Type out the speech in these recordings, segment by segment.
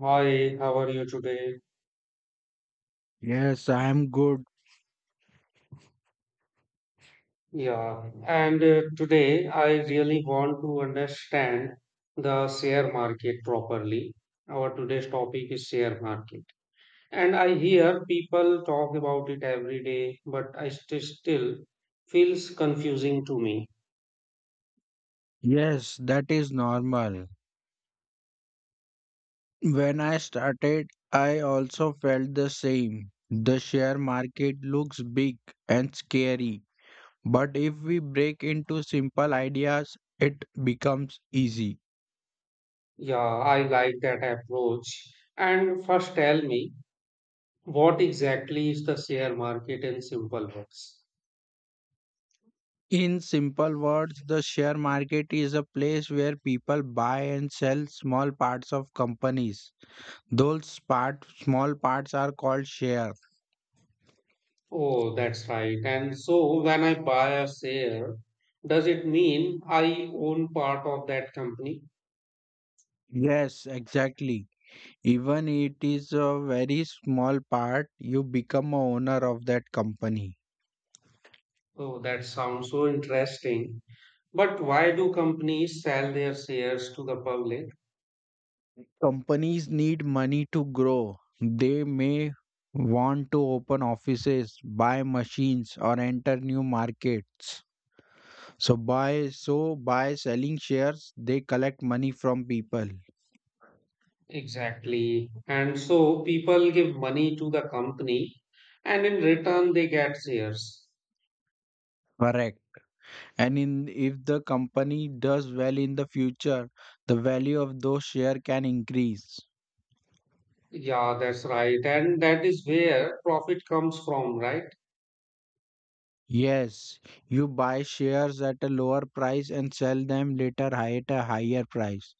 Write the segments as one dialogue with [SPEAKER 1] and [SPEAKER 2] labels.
[SPEAKER 1] Hi, how are you today?
[SPEAKER 2] Yes, I'm good.
[SPEAKER 1] Yeah, and today I really want to understand the share market properly. Our today's topic is share market. And I hear people talk about it every day, but I st still feels confusing to me.
[SPEAKER 2] Yes, that is normal. When I started, I also felt the same. The share market looks big and scary, but if we break into simple ideas, it becomes easy.
[SPEAKER 1] Yeah, I like that approach. And first tell me, what exactly is the share market in simple words?
[SPEAKER 2] In simple words, the share market is a place where people buy and sell small parts of companies. Those part, small parts are called share.
[SPEAKER 1] Oh, that's right. And so when I buy a share, does it mean I own part of that company?
[SPEAKER 2] Yes, exactly. Even it is a very small part, you become a owner of that company.
[SPEAKER 1] Oh, that sounds so interesting. But why do companies sell their shares to the public?
[SPEAKER 2] Companies need money to grow. They may want to open offices, buy machines, or enter new markets. So by selling shares, they collect money from people.
[SPEAKER 1] Exactly. And so people give money to the company and in return they get shares.
[SPEAKER 2] Correct. And in if the company does well in the future, the value of those share can increase.
[SPEAKER 1] Yeah, that's right. And that is where profit comes from, right?
[SPEAKER 2] Yes, you buy shares at a lower price and sell them later at a higher price.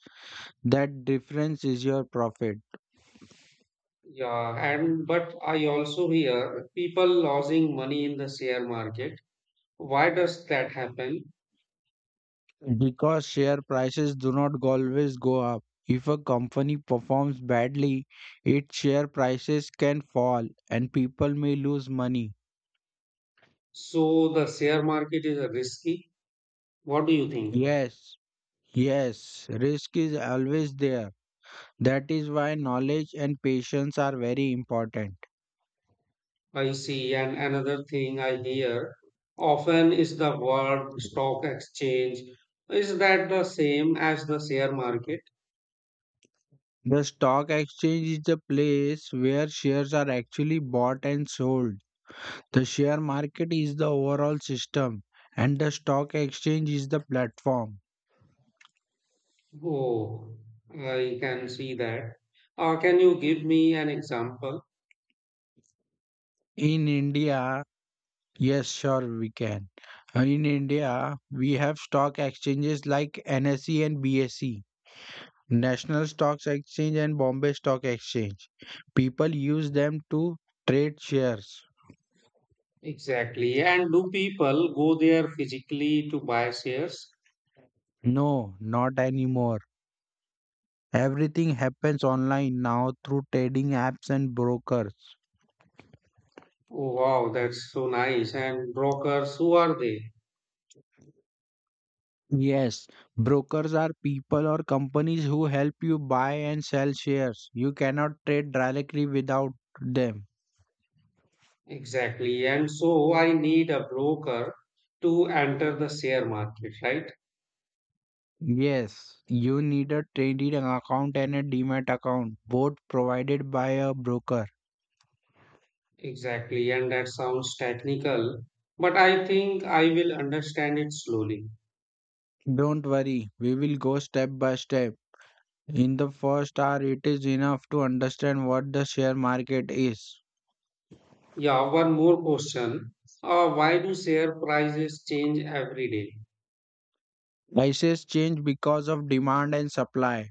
[SPEAKER 2] That difference is your profit
[SPEAKER 1] Yeah. And but I also hear people losing money in the share market. Why does that happen?
[SPEAKER 2] because share prices do not always go up. If a company performs badly, its share prices can fall and people may lose money.
[SPEAKER 1] So the share market is risky. What do you think?
[SPEAKER 2] Yes, yes, risk is always there. That is why knowledge and patience are very important.
[SPEAKER 1] I see, and another thing I hear often is the word stock exchange. Is that the same as the share market?
[SPEAKER 2] The stock exchange is the place where shares are actually bought and sold. The share market is the overall system, and the stock exchange is the platform.
[SPEAKER 1] Oh, I can see that. Can you give me an example?
[SPEAKER 2] In India, yes, sure, we can. In India, we have stock exchanges like NSE and BSE, National Stocks Exchange and Bombay Stock Exchange. People use them to trade shares.
[SPEAKER 1] Exactly. And do people go there physically to buy shares?
[SPEAKER 2] No, not anymore. Everything happens online now through trading apps and brokers.
[SPEAKER 1] Oh, wow, that's so nice. And brokers, who are they?
[SPEAKER 2] Yes, brokers are people or companies who help you buy and sell shares. You cannot trade directly without them.
[SPEAKER 1] Exactly. And so I need a broker to enter the share market, right?
[SPEAKER 2] Yes, you need a trading account and a demat account, both provided by a broker.
[SPEAKER 1] Exactly. And that sounds technical, but I think I will understand it slowly.
[SPEAKER 2] Don't worry, we will go step by step. In the first hour, it is enough to understand what the share market is.
[SPEAKER 1] Yeah, one more question. Why do share prices change every day?
[SPEAKER 2] Prices change because of demand and supply.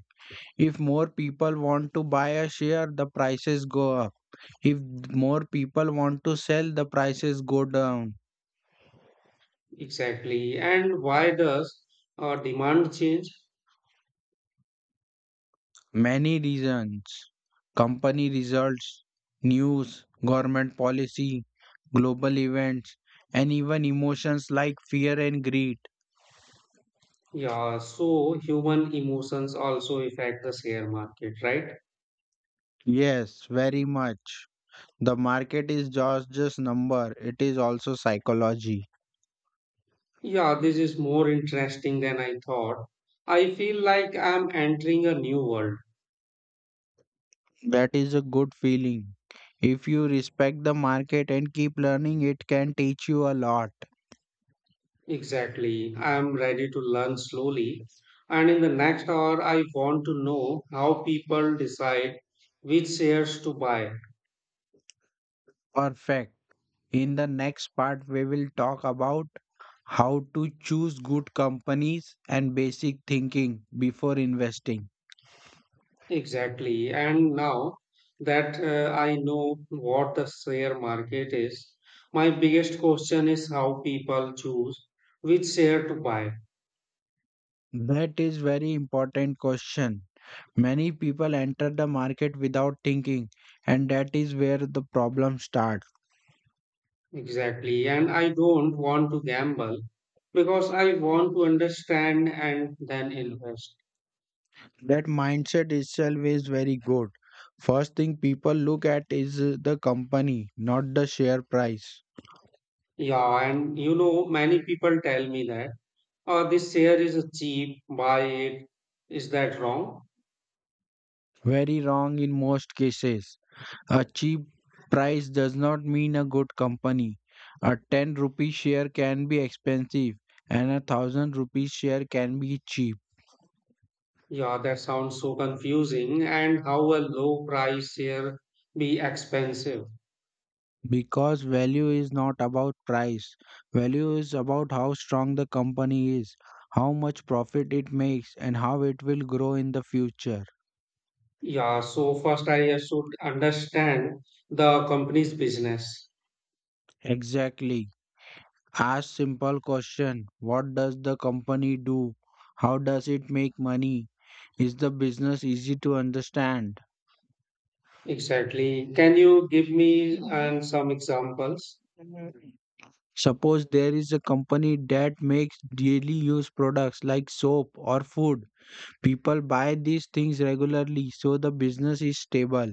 [SPEAKER 2] If more people want to buy a share, the prices go up. If more people want to sell, the prices go down.
[SPEAKER 1] Exactly. And why does demand change?
[SPEAKER 2] Many reasons: company results, news, government policy, global events, and even emotions like fear and greed.
[SPEAKER 1] Yeah, so human emotions also affect the share market, right?
[SPEAKER 2] Yes, very much. The market is just number, it is also psychology.
[SPEAKER 1] Yeah, this is more interesting than I thought. I feel like I'm entering a new world.
[SPEAKER 2] That is a good feeling. If you respect the market and keep learning, it can teach you a lot.
[SPEAKER 1] Exactly. I'm ready to learn slowly. And in the next hour, I want to know how people decide which shares to buy.
[SPEAKER 2] Perfect. In the next part, we will talk about how to choose good companies and basic thinking before investing.
[SPEAKER 1] Exactly. And now that I know what the share market is, my biggest question is how people choose which share to buy.
[SPEAKER 2] That is very important question. Many people enter the market without thinking, and that is where the problem starts.
[SPEAKER 1] Exactly. And I don't want to gamble because I want to understand and then invest.
[SPEAKER 2] That mindset itself is very good. First thing people look at is the company, not the share price.
[SPEAKER 1] Yeah. And you know, many people tell me that, oh, this share is cheap, buy it. Is that wrong?
[SPEAKER 2] Very wrong in most cases. A cheap price does not mean a good company. A 10 rupee share can be expensive and a 1000 rupee share can be cheap
[SPEAKER 1] Yeah, that sounds so confusing. And how a low price share be expensive?
[SPEAKER 2] because value is not about price. Value is about how strong the company is, how much profit it makes, and how it will grow in the future.
[SPEAKER 1] Yeah. So first I should understand the company's business.
[SPEAKER 2] Exactly. Ask simple question. What does the company do? How does it make money? Is the business easy to understand?
[SPEAKER 1] Exactly. Can you give me and some examples?
[SPEAKER 2] Suppose there is a company that makes daily use products like soap or food. People buy these things regularly, so the business is stable.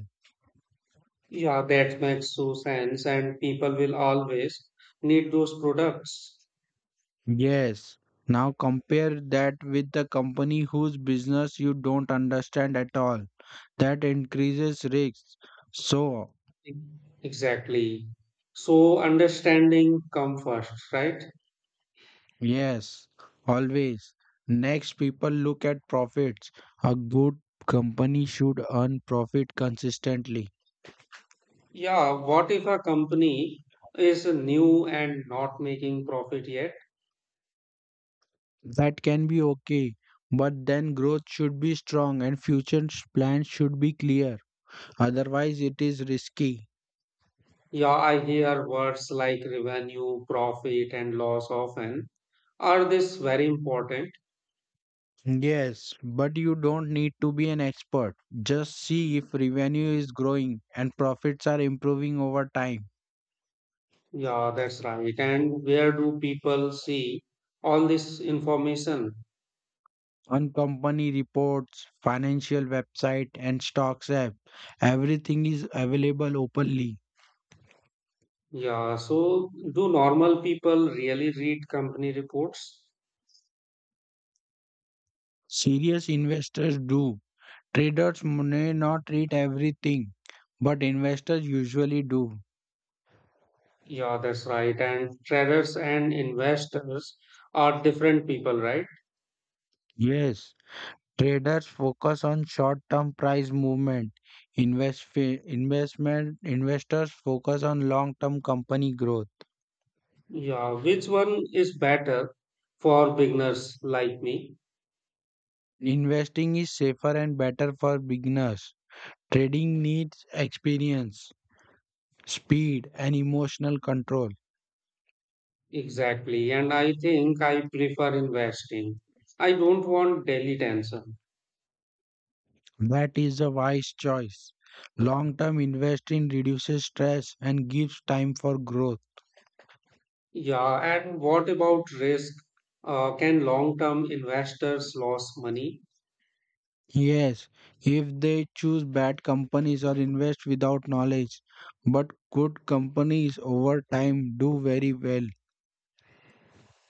[SPEAKER 1] Yeah, that makes so sense, and people will always need those products.
[SPEAKER 2] Yes. Now compare that with the company whose business you don't understand at all. That increases risks. So,
[SPEAKER 1] E- Exactly. So understanding come first, right?
[SPEAKER 2] yes, always. Next, people look at profits. A good company should earn profit consistently.
[SPEAKER 1] Yeah, what if a company is new and not making profit yet?
[SPEAKER 2] That can be okay, but then growth should be strong and plans should be clear. Otherwise, it is risky.
[SPEAKER 1] Yeah, I hear words like revenue, profit, and loss often. Are this very important?
[SPEAKER 2] Yes, but you don't need to be an expert. Just see if revenue is growing and profits are improving over time.
[SPEAKER 1] Yeah, that's right. And where do people see all this information?
[SPEAKER 2] On company reports, financial website, and stocks app, everything is available openly.
[SPEAKER 1] Yeah, so do normal people really read company reports?
[SPEAKER 2] Serious investors do. Traders may not read everything, but investors usually do.
[SPEAKER 1] Yeah, that's right. And traders and investors are different people, right?
[SPEAKER 2] Yes, traders focus on short-term price movement. Investors focus on long-term company growth.
[SPEAKER 1] Yeah, which one is better for beginners like me?
[SPEAKER 2] Investing is safer and better for beginners. Trading needs experience, speed, and emotional control.
[SPEAKER 1] Exactly. And I think I prefer investing. I don't want daily tension.
[SPEAKER 2] That is a wise choice. Long-term investing reduces stress and gives time for growth.
[SPEAKER 1] Yeah, and what about risk? Can long-term investors lose money?
[SPEAKER 2] Yes, if they choose bad companies or invest without knowledge, but good companies over time do very well.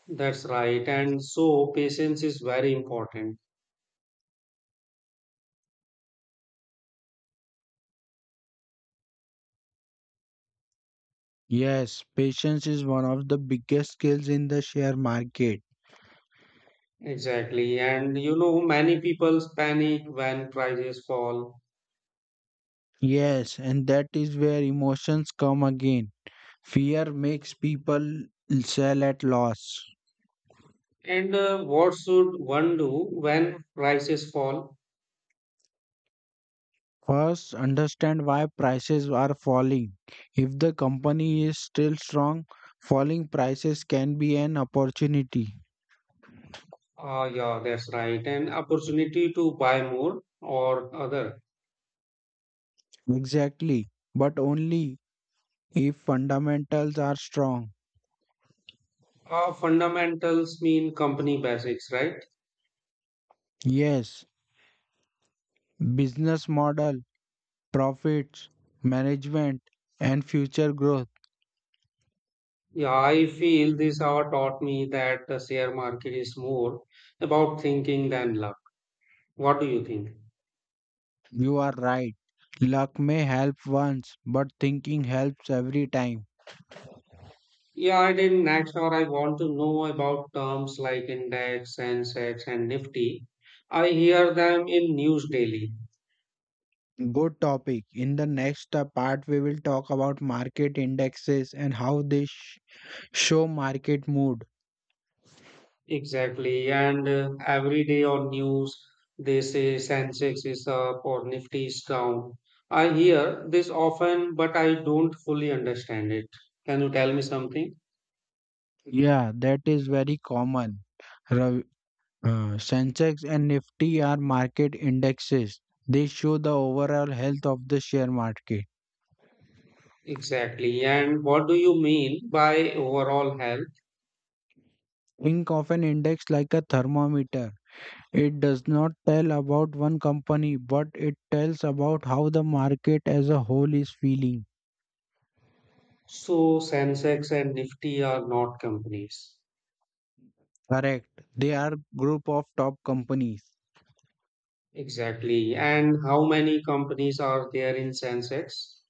[SPEAKER 1] That's right. And so patience is very important.
[SPEAKER 2] Yes, patience is one of the biggest skills in the share market.
[SPEAKER 1] Exactly. And you know, many people panic when prices fall.
[SPEAKER 2] Yes, and that is where emotions come again. Fear makes people sell at loss.
[SPEAKER 1] And what should one do when prices fall?
[SPEAKER 2] First, understand why prices are falling. If the company is still strong, falling prices can be an opportunity.
[SPEAKER 1] Yeah, that's right. An opportunity to buy more or other.
[SPEAKER 2] Exactly, but only if fundamentals are strong.
[SPEAKER 1] Fundamentals mean company basics, right?
[SPEAKER 2] Yes, business model, profits, management, and future growth.
[SPEAKER 1] Yeah, I feel this hour taught me that the share market is more about thinking than luck. What do you think?
[SPEAKER 2] You are right. Luck may help once, but thinking helps every time.
[SPEAKER 1] Yeah, I didn't next or I want to know about terms like index, Sensex, and Nifty. I hear them in news daily.
[SPEAKER 2] Good topic. In the next part, we will talk about market indexes and how show market mood.
[SPEAKER 1] Exactly. And every day on news, they say Sensex is up or Nifty is down. I hear this often, but I don't fully understand it. Can you tell me something?
[SPEAKER 2] Yeah, that is very common. Ravi. Sensex and Nifty are market indexes. They show the overall health of the share market.
[SPEAKER 1] Exactly. And what do you mean by overall health?
[SPEAKER 2] Think of an index like a thermometer. It does not tell about one company, but it tells about how the market as a whole is feeling.
[SPEAKER 1] So Sensex and Nifty are not companies.
[SPEAKER 2] Correct. They are group of top companies.
[SPEAKER 1] Exactly. And how many companies are there in Sensex?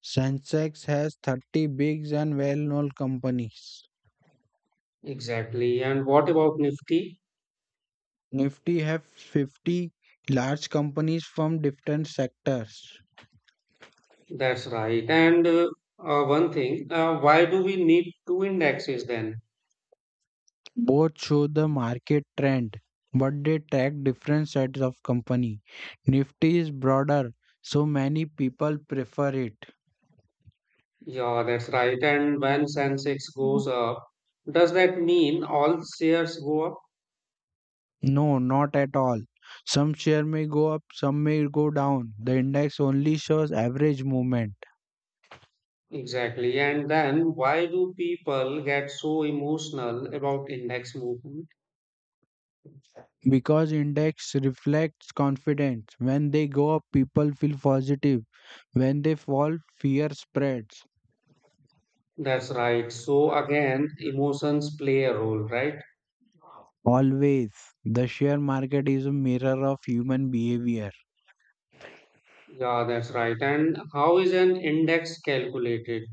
[SPEAKER 2] Sensex has 30 bigs and well-known companies.
[SPEAKER 1] Exactly. And what about Nifty?
[SPEAKER 2] Nifty have 50 large companies from different sectors.
[SPEAKER 1] That's right. And one thing, why do we need two indexes then?
[SPEAKER 2] Both show the market trend, but they track different sets of company. Nifty is broader, so many people prefer it.
[SPEAKER 1] Yeah, that's right. And when Sensex goes up, does that mean all shares go up?
[SPEAKER 2] No, not at all. Some share may go up, some may go down. The index only shows average movement
[SPEAKER 1] Exactly. And then why do people get so emotional about index movement?
[SPEAKER 2] because index reflects confidence. When they go up, people feel positive. When they fall, fear spreads.
[SPEAKER 1] That's right. So again, emotions play a role, right?
[SPEAKER 2] Always, the share market is a mirror of human behavior.
[SPEAKER 1] Yeah, that's right. And how is an index calculated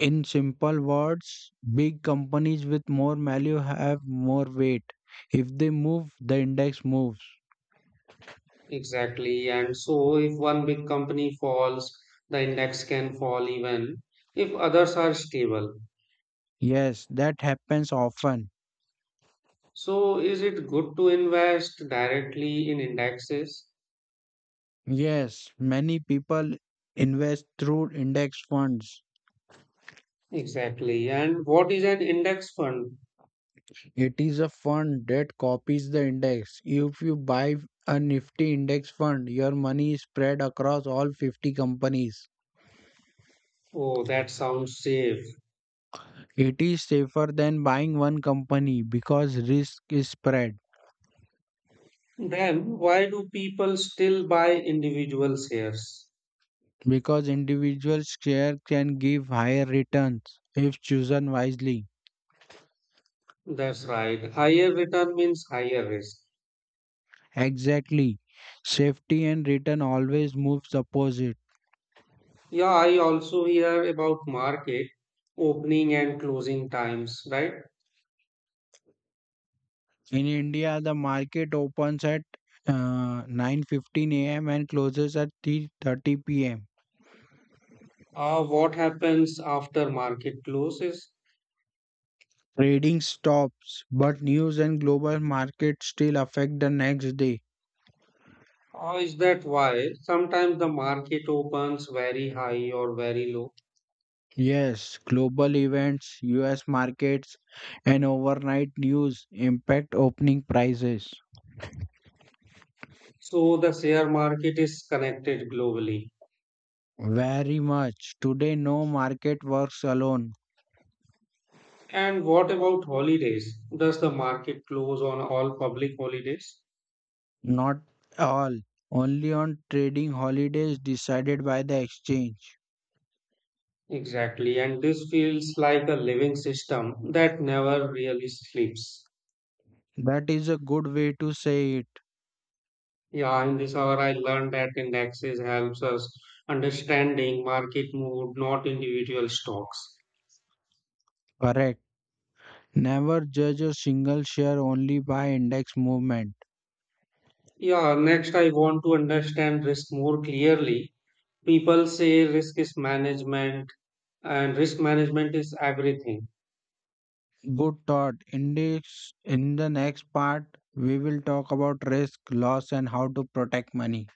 [SPEAKER 2] In simple words, big companies with more value have more weight. If they move, the index moves.
[SPEAKER 1] exactly? And so, if one big company falls, the index can fall even if others are stable.
[SPEAKER 2] Yes, that happens often.
[SPEAKER 1] So, is it good to invest directly in indexes?
[SPEAKER 2] Yes, many people invest through index funds.
[SPEAKER 1] Exactly. And what is an index fund?
[SPEAKER 2] It is a fund that copies the index. If you buy a Nifty index fund, your money is spread across all 50 companies.
[SPEAKER 1] Oh, that sounds safe.
[SPEAKER 2] It is safer than buying one company because risk is spread.
[SPEAKER 1] Then, why do people still buy individual shares?
[SPEAKER 2] Because individual share can give higher returns if chosen wisely.
[SPEAKER 1] That's right. Higher return means higher risk.
[SPEAKER 2] Exactly. Safety and return always moves opposite.
[SPEAKER 1] Yeah, I also hear about market opening and closing times, right?
[SPEAKER 2] In India, the market opens at 9:15 a.m. and closes at 3:30 p.m.
[SPEAKER 1] What happens after market closes?
[SPEAKER 2] Trading stops, but news and global markets still affect the next day.
[SPEAKER 1] Or is that why sometimes the market opens very high or very low?
[SPEAKER 2] Yes, global events, US markets, and overnight news impact opening prices.
[SPEAKER 1] So the share market is connected globally.
[SPEAKER 2] Very much. Today, no market works alone.
[SPEAKER 1] And what about holidays? Does the market close on all public holidays?
[SPEAKER 2] Not all. Only on trading holidays decided by the exchange.
[SPEAKER 1] Exactly. And this feels like a living system that never really sleeps.
[SPEAKER 2] That is a good way to say it.
[SPEAKER 1] Yeah, in this hour, I learned that indexes helps us understanding market mood, not individual stocks.
[SPEAKER 2] Correct. Never judge a single share only by index movement.
[SPEAKER 1] Yeah, next I want to understand risk more clearly. People say risk is management and risk management is everything.
[SPEAKER 2] Good thought. Index in the next part we will talk about risk, loss and how to protect money.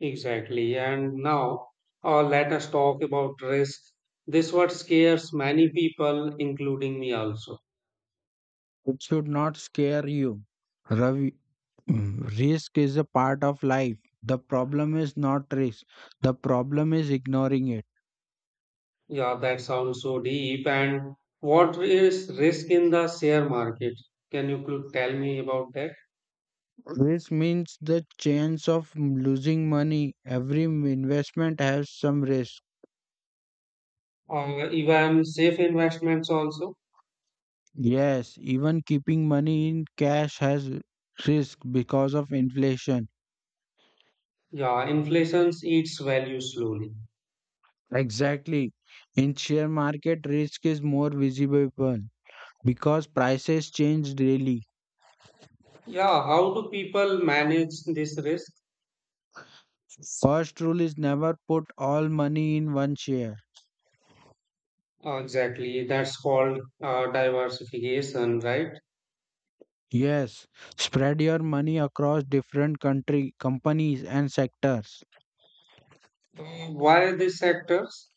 [SPEAKER 1] Exactly. And now, let us talk about risk. This what scares many people, including me also.
[SPEAKER 2] It should not scare you. Ravi. Mm, risk is a part of life. The problem is not risk. The problem is ignoring it.
[SPEAKER 1] Yeah, that sounds so deep. And what is risk in the share market? Tell me about that?
[SPEAKER 2] Risk means the chance of losing money. Every investment has some risk.
[SPEAKER 1] Or even safe investments also?
[SPEAKER 2] Yes, even keeping money in cash has risk because of inflation.
[SPEAKER 1] Yeah, inflation eats value slowly.
[SPEAKER 2] Exactly. In share market, risk is more visible because prices change daily.
[SPEAKER 1] Yeah, how do people manage this risk?
[SPEAKER 2] First rule is never put all money in one share.
[SPEAKER 1] Exactly, that's called diversification, right?
[SPEAKER 2] Yes, spread your money across different country, companies and sectors
[SPEAKER 1] Why these sectors?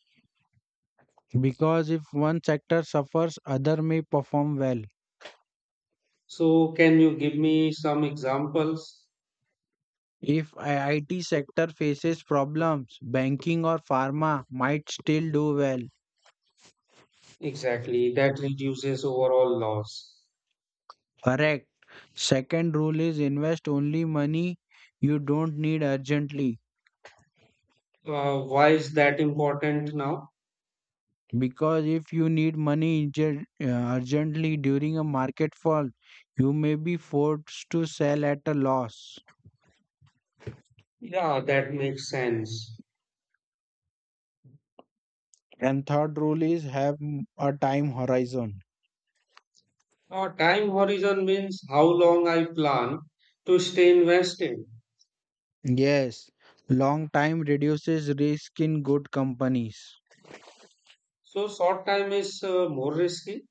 [SPEAKER 2] because if one sector suffers, other may perform well.
[SPEAKER 1] So, can you give me some examples?
[SPEAKER 2] If a IT sector faces problems, banking or pharma might still do well.
[SPEAKER 1] Exactly, that reduces overall loss.
[SPEAKER 2] Correct. Second rule is invest only money you don't need urgently
[SPEAKER 1] Why is that important now?
[SPEAKER 2] because if you need money urgently during a market fall, you may be forced to sell at a loss.
[SPEAKER 1] Yeah, that makes sense.
[SPEAKER 2] And third rule is have a time horizon.
[SPEAKER 1] Time horizon means how long I plan to stay invested.
[SPEAKER 2] Yes, long time reduces risk in good companies.
[SPEAKER 1] So short time is more risky.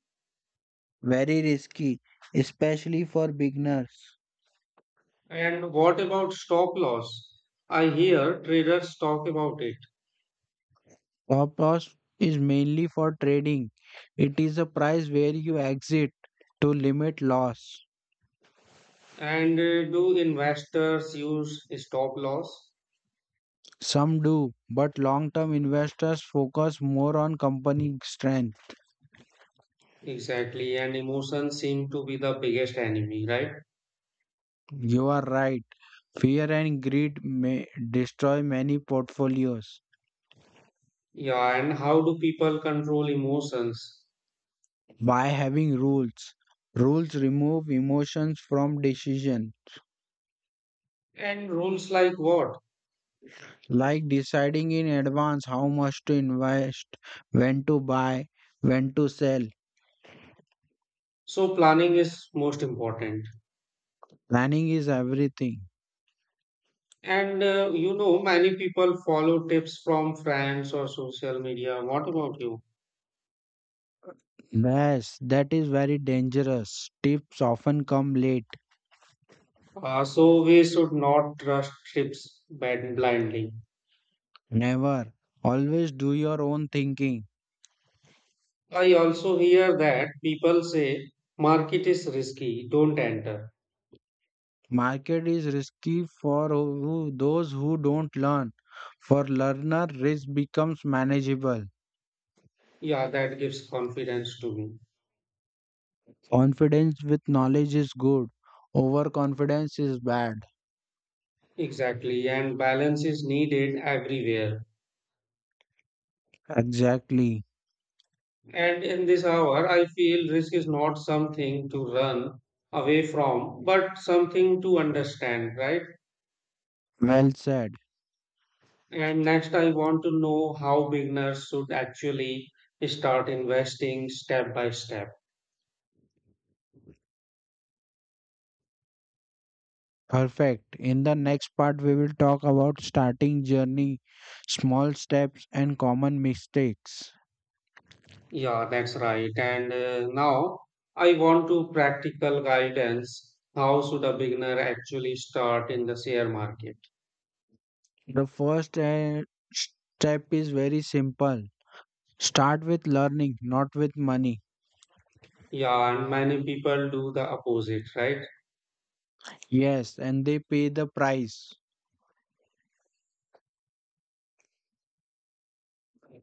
[SPEAKER 2] Very risky, especially for beginners.
[SPEAKER 1] And what about stop loss? I hear traders talk about it.
[SPEAKER 2] Stop-loss is mainly for trading. It is a price where you exit to limit loss.
[SPEAKER 1] And do investors use stop loss?
[SPEAKER 2] Some do, but long-term investors focus more on company strength.
[SPEAKER 1] Exactly. And emotions seem to be the biggest enemy, right?
[SPEAKER 2] You are right. Fear and greed may destroy many portfolios.
[SPEAKER 1] Yeah. And how do people control emotions?
[SPEAKER 2] By having rules. Rules remove emotions from decision,
[SPEAKER 1] And rules like what?
[SPEAKER 2] like deciding in advance how much to invest, when to buy, when to sell.
[SPEAKER 1] So planning is most important.
[SPEAKER 2] Planning is everything.
[SPEAKER 1] And you know, many people follow tips from friends or social media. What about you?
[SPEAKER 2] Yes, that is very dangerous. Tips often come late.
[SPEAKER 1] So we should not trust tips blindly.
[SPEAKER 2] Never. Always do your own thinking.
[SPEAKER 1] I also hear that people say market is risky, don't enter.
[SPEAKER 2] Market is risky for who, those who don't learn. For learner, risk becomes manageable.
[SPEAKER 1] Yeah, that gives confidence to me.
[SPEAKER 2] Confidence with knowledge is good. Overconfidence is bad.
[SPEAKER 1] Exactly, and balance is needed everywhere.
[SPEAKER 2] Exactly.
[SPEAKER 1] And in this hour, I feel risk is not something to run away from, but something to understand, right?
[SPEAKER 2] Well said.
[SPEAKER 1] And next, I want to know how beginners should actually start investing step by step.
[SPEAKER 2] Perfect. In the next part, we will talk about starting journey, small steps, and common mistakes.
[SPEAKER 1] Yeah, that's right. And now I want to practical guidance. How should a beginner actually start in the share market?
[SPEAKER 2] The first step is very simple. Start with learning, not with money.
[SPEAKER 1] Yeah, and many people do the opposite, right?
[SPEAKER 2] Yes, and they pay the price.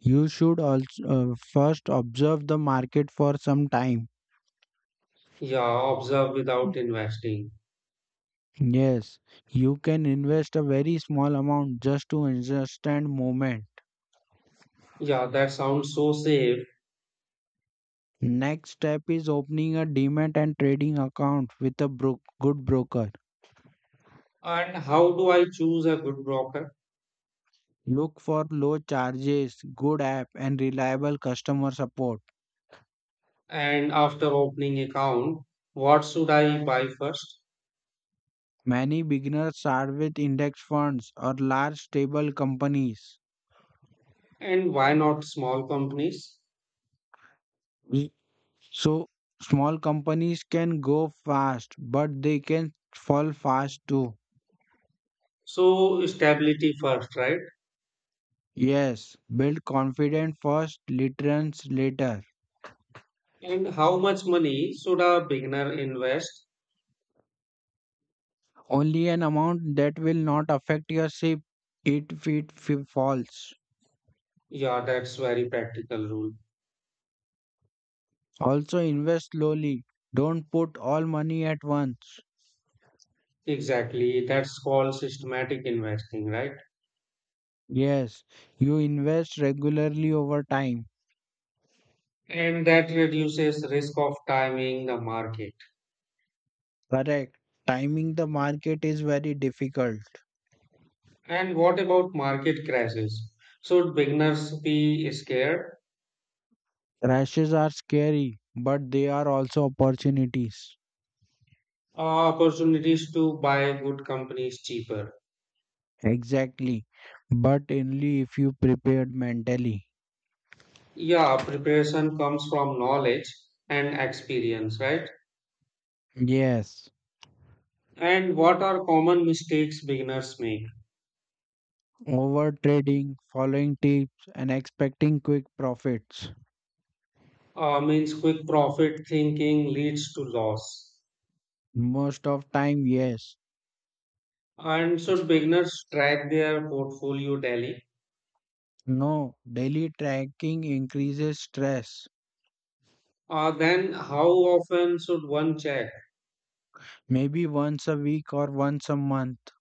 [SPEAKER 2] You should also first observe the market for some time.
[SPEAKER 1] Yeah, observe without investing.
[SPEAKER 2] Yes, you can invest a very small amount just to understand movement.
[SPEAKER 1] Yeah, that sounds so safe.
[SPEAKER 2] Next step is opening a demat and trading account with a good broker.
[SPEAKER 1] And how do I choose a good broker?
[SPEAKER 2] Look for low charges, good app, and reliable customer support.
[SPEAKER 1] And after opening account, what should I buy first?
[SPEAKER 2] Many beginners start with index funds or large stable companies.
[SPEAKER 1] And why not small companies?
[SPEAKER 2] We- So, Small companies can go fast, but they can fall fast too.
[SPEAKER 1] So stability first, right?
[SPEAKER 2] Yes, build confidence first, returns later.
[SPEAKER 1] And how much money should a beginner invest?
[SPEAKER 2] Only an amount that will not affect your ship if it falls.
[SPEAKER 1] Yeah, that's very practical rule.
[SPEAKER 2] Also, invest slowly. Don't put all money at once.
[SPEAKER 1] Exactly. That's called systematic investing, right?
[SPEAKER 2] Yes, you invest regularly over time.
[SPEAKER 1] And that reduces risk of timing the market.
[SPEAKER 2] Correct. Timing the market is very difficult.
[SPEAKER 1] And what about market crashes? Should beginners be scared?
[SPEAKER 2] Crashes are scary, but they are also opportunities.
[SPEAKER 1] Opportunities to buy good companies cheaper.
[SPEAKER 2] Exactly. But only if you prepared mentally.
[SPEAKER 1] Yeah, preparation comes from knowledge and experience, right?
[SPEAKER 2] Yes.
[SPEAKER 1] And what are common mistakes beginners make?
[SPEAKER 2] Over trading, following tips, and expecting quick profits.
[SPEAKER 1] Means quick profit thinking leads to loss.
[SPEAKER 2] Most of time, yes.
[SPEAKER 1] And should beginners track their portfolio daily?
[SPEAKER 2] No, daily tracking increases stress.
[SPEAKER 1] Then how often should one check?
[SPEAKER 2] Maybe once a week or once a month.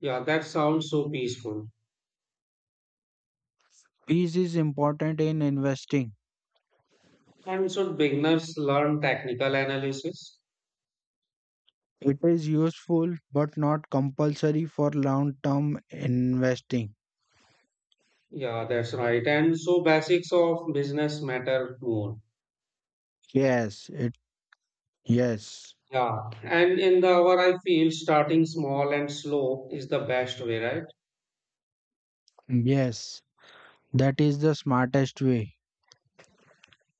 [SPEAKER 1] Yeah, that sounds so peaceful.
[SPEAKER 2] Peace is important in investing.
[SPEAKER 1] And should beginners learn technical analysis?
[SPEAKER 2] It is useful but not compulsory for long-term investing.
[SPEAKER 1] Yeah, that's right. And so basics of business matter more.
[SPEAKER 2] Yes, it yes.
[SPEAKER 1] Yeah, and in the hour, I feel starting small and slow is the best way, right?
[SPEAKER 2] Yes, that is the smartest way.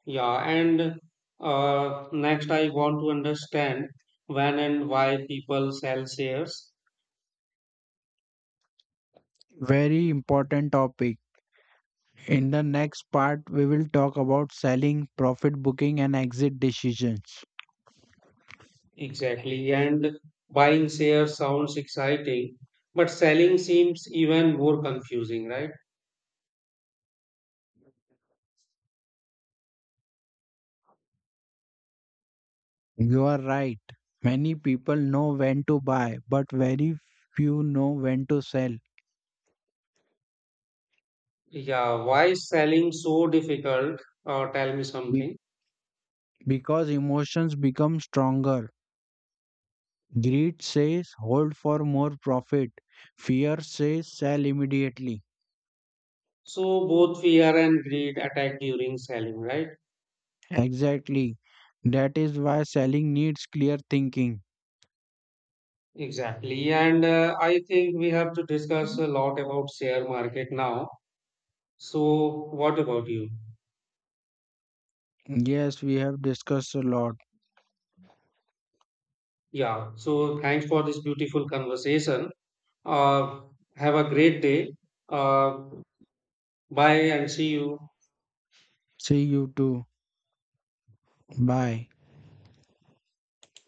[SPEAKER 1] Yeah, and next, I want to understand when and why people sell shares
[SPEAKER 2] Very important topic. In the next part, we will talk about selling, profit booking, and exit decisions.
[SPEAKER 1] exactly. And buying shares sounds exciting, but selling seems even more confusing, right?
[SPEAKER 2] You are right. Many people know when to buy, but very few know when to sell
[SPEAKER 1] Yeah, why is selling so difficult? Tell me
[SPEAKER 2] be-
[SPEAKER 1] something.
[SPEAKER 2] because emotions become stronger. Greed says hold for more profit, fear says sell immediately.
[SPEAKER 1] So, both fear and greed attack during selling, right?
[SPEAKER 2] Exactly. That is why selling needs clear thinking.
[SPEAKER 1] Exactly. And I think we have to discuss a lot about share market now. So what about you?
[SPEAKER 2] Yes, we have discussed a lot.
[SPEAKER 1] Yeah. So thanks for this beautiful conversation. Uh, have a great day. Uh, Bye and see you.
[SPEAKER 2] See you too. Bye.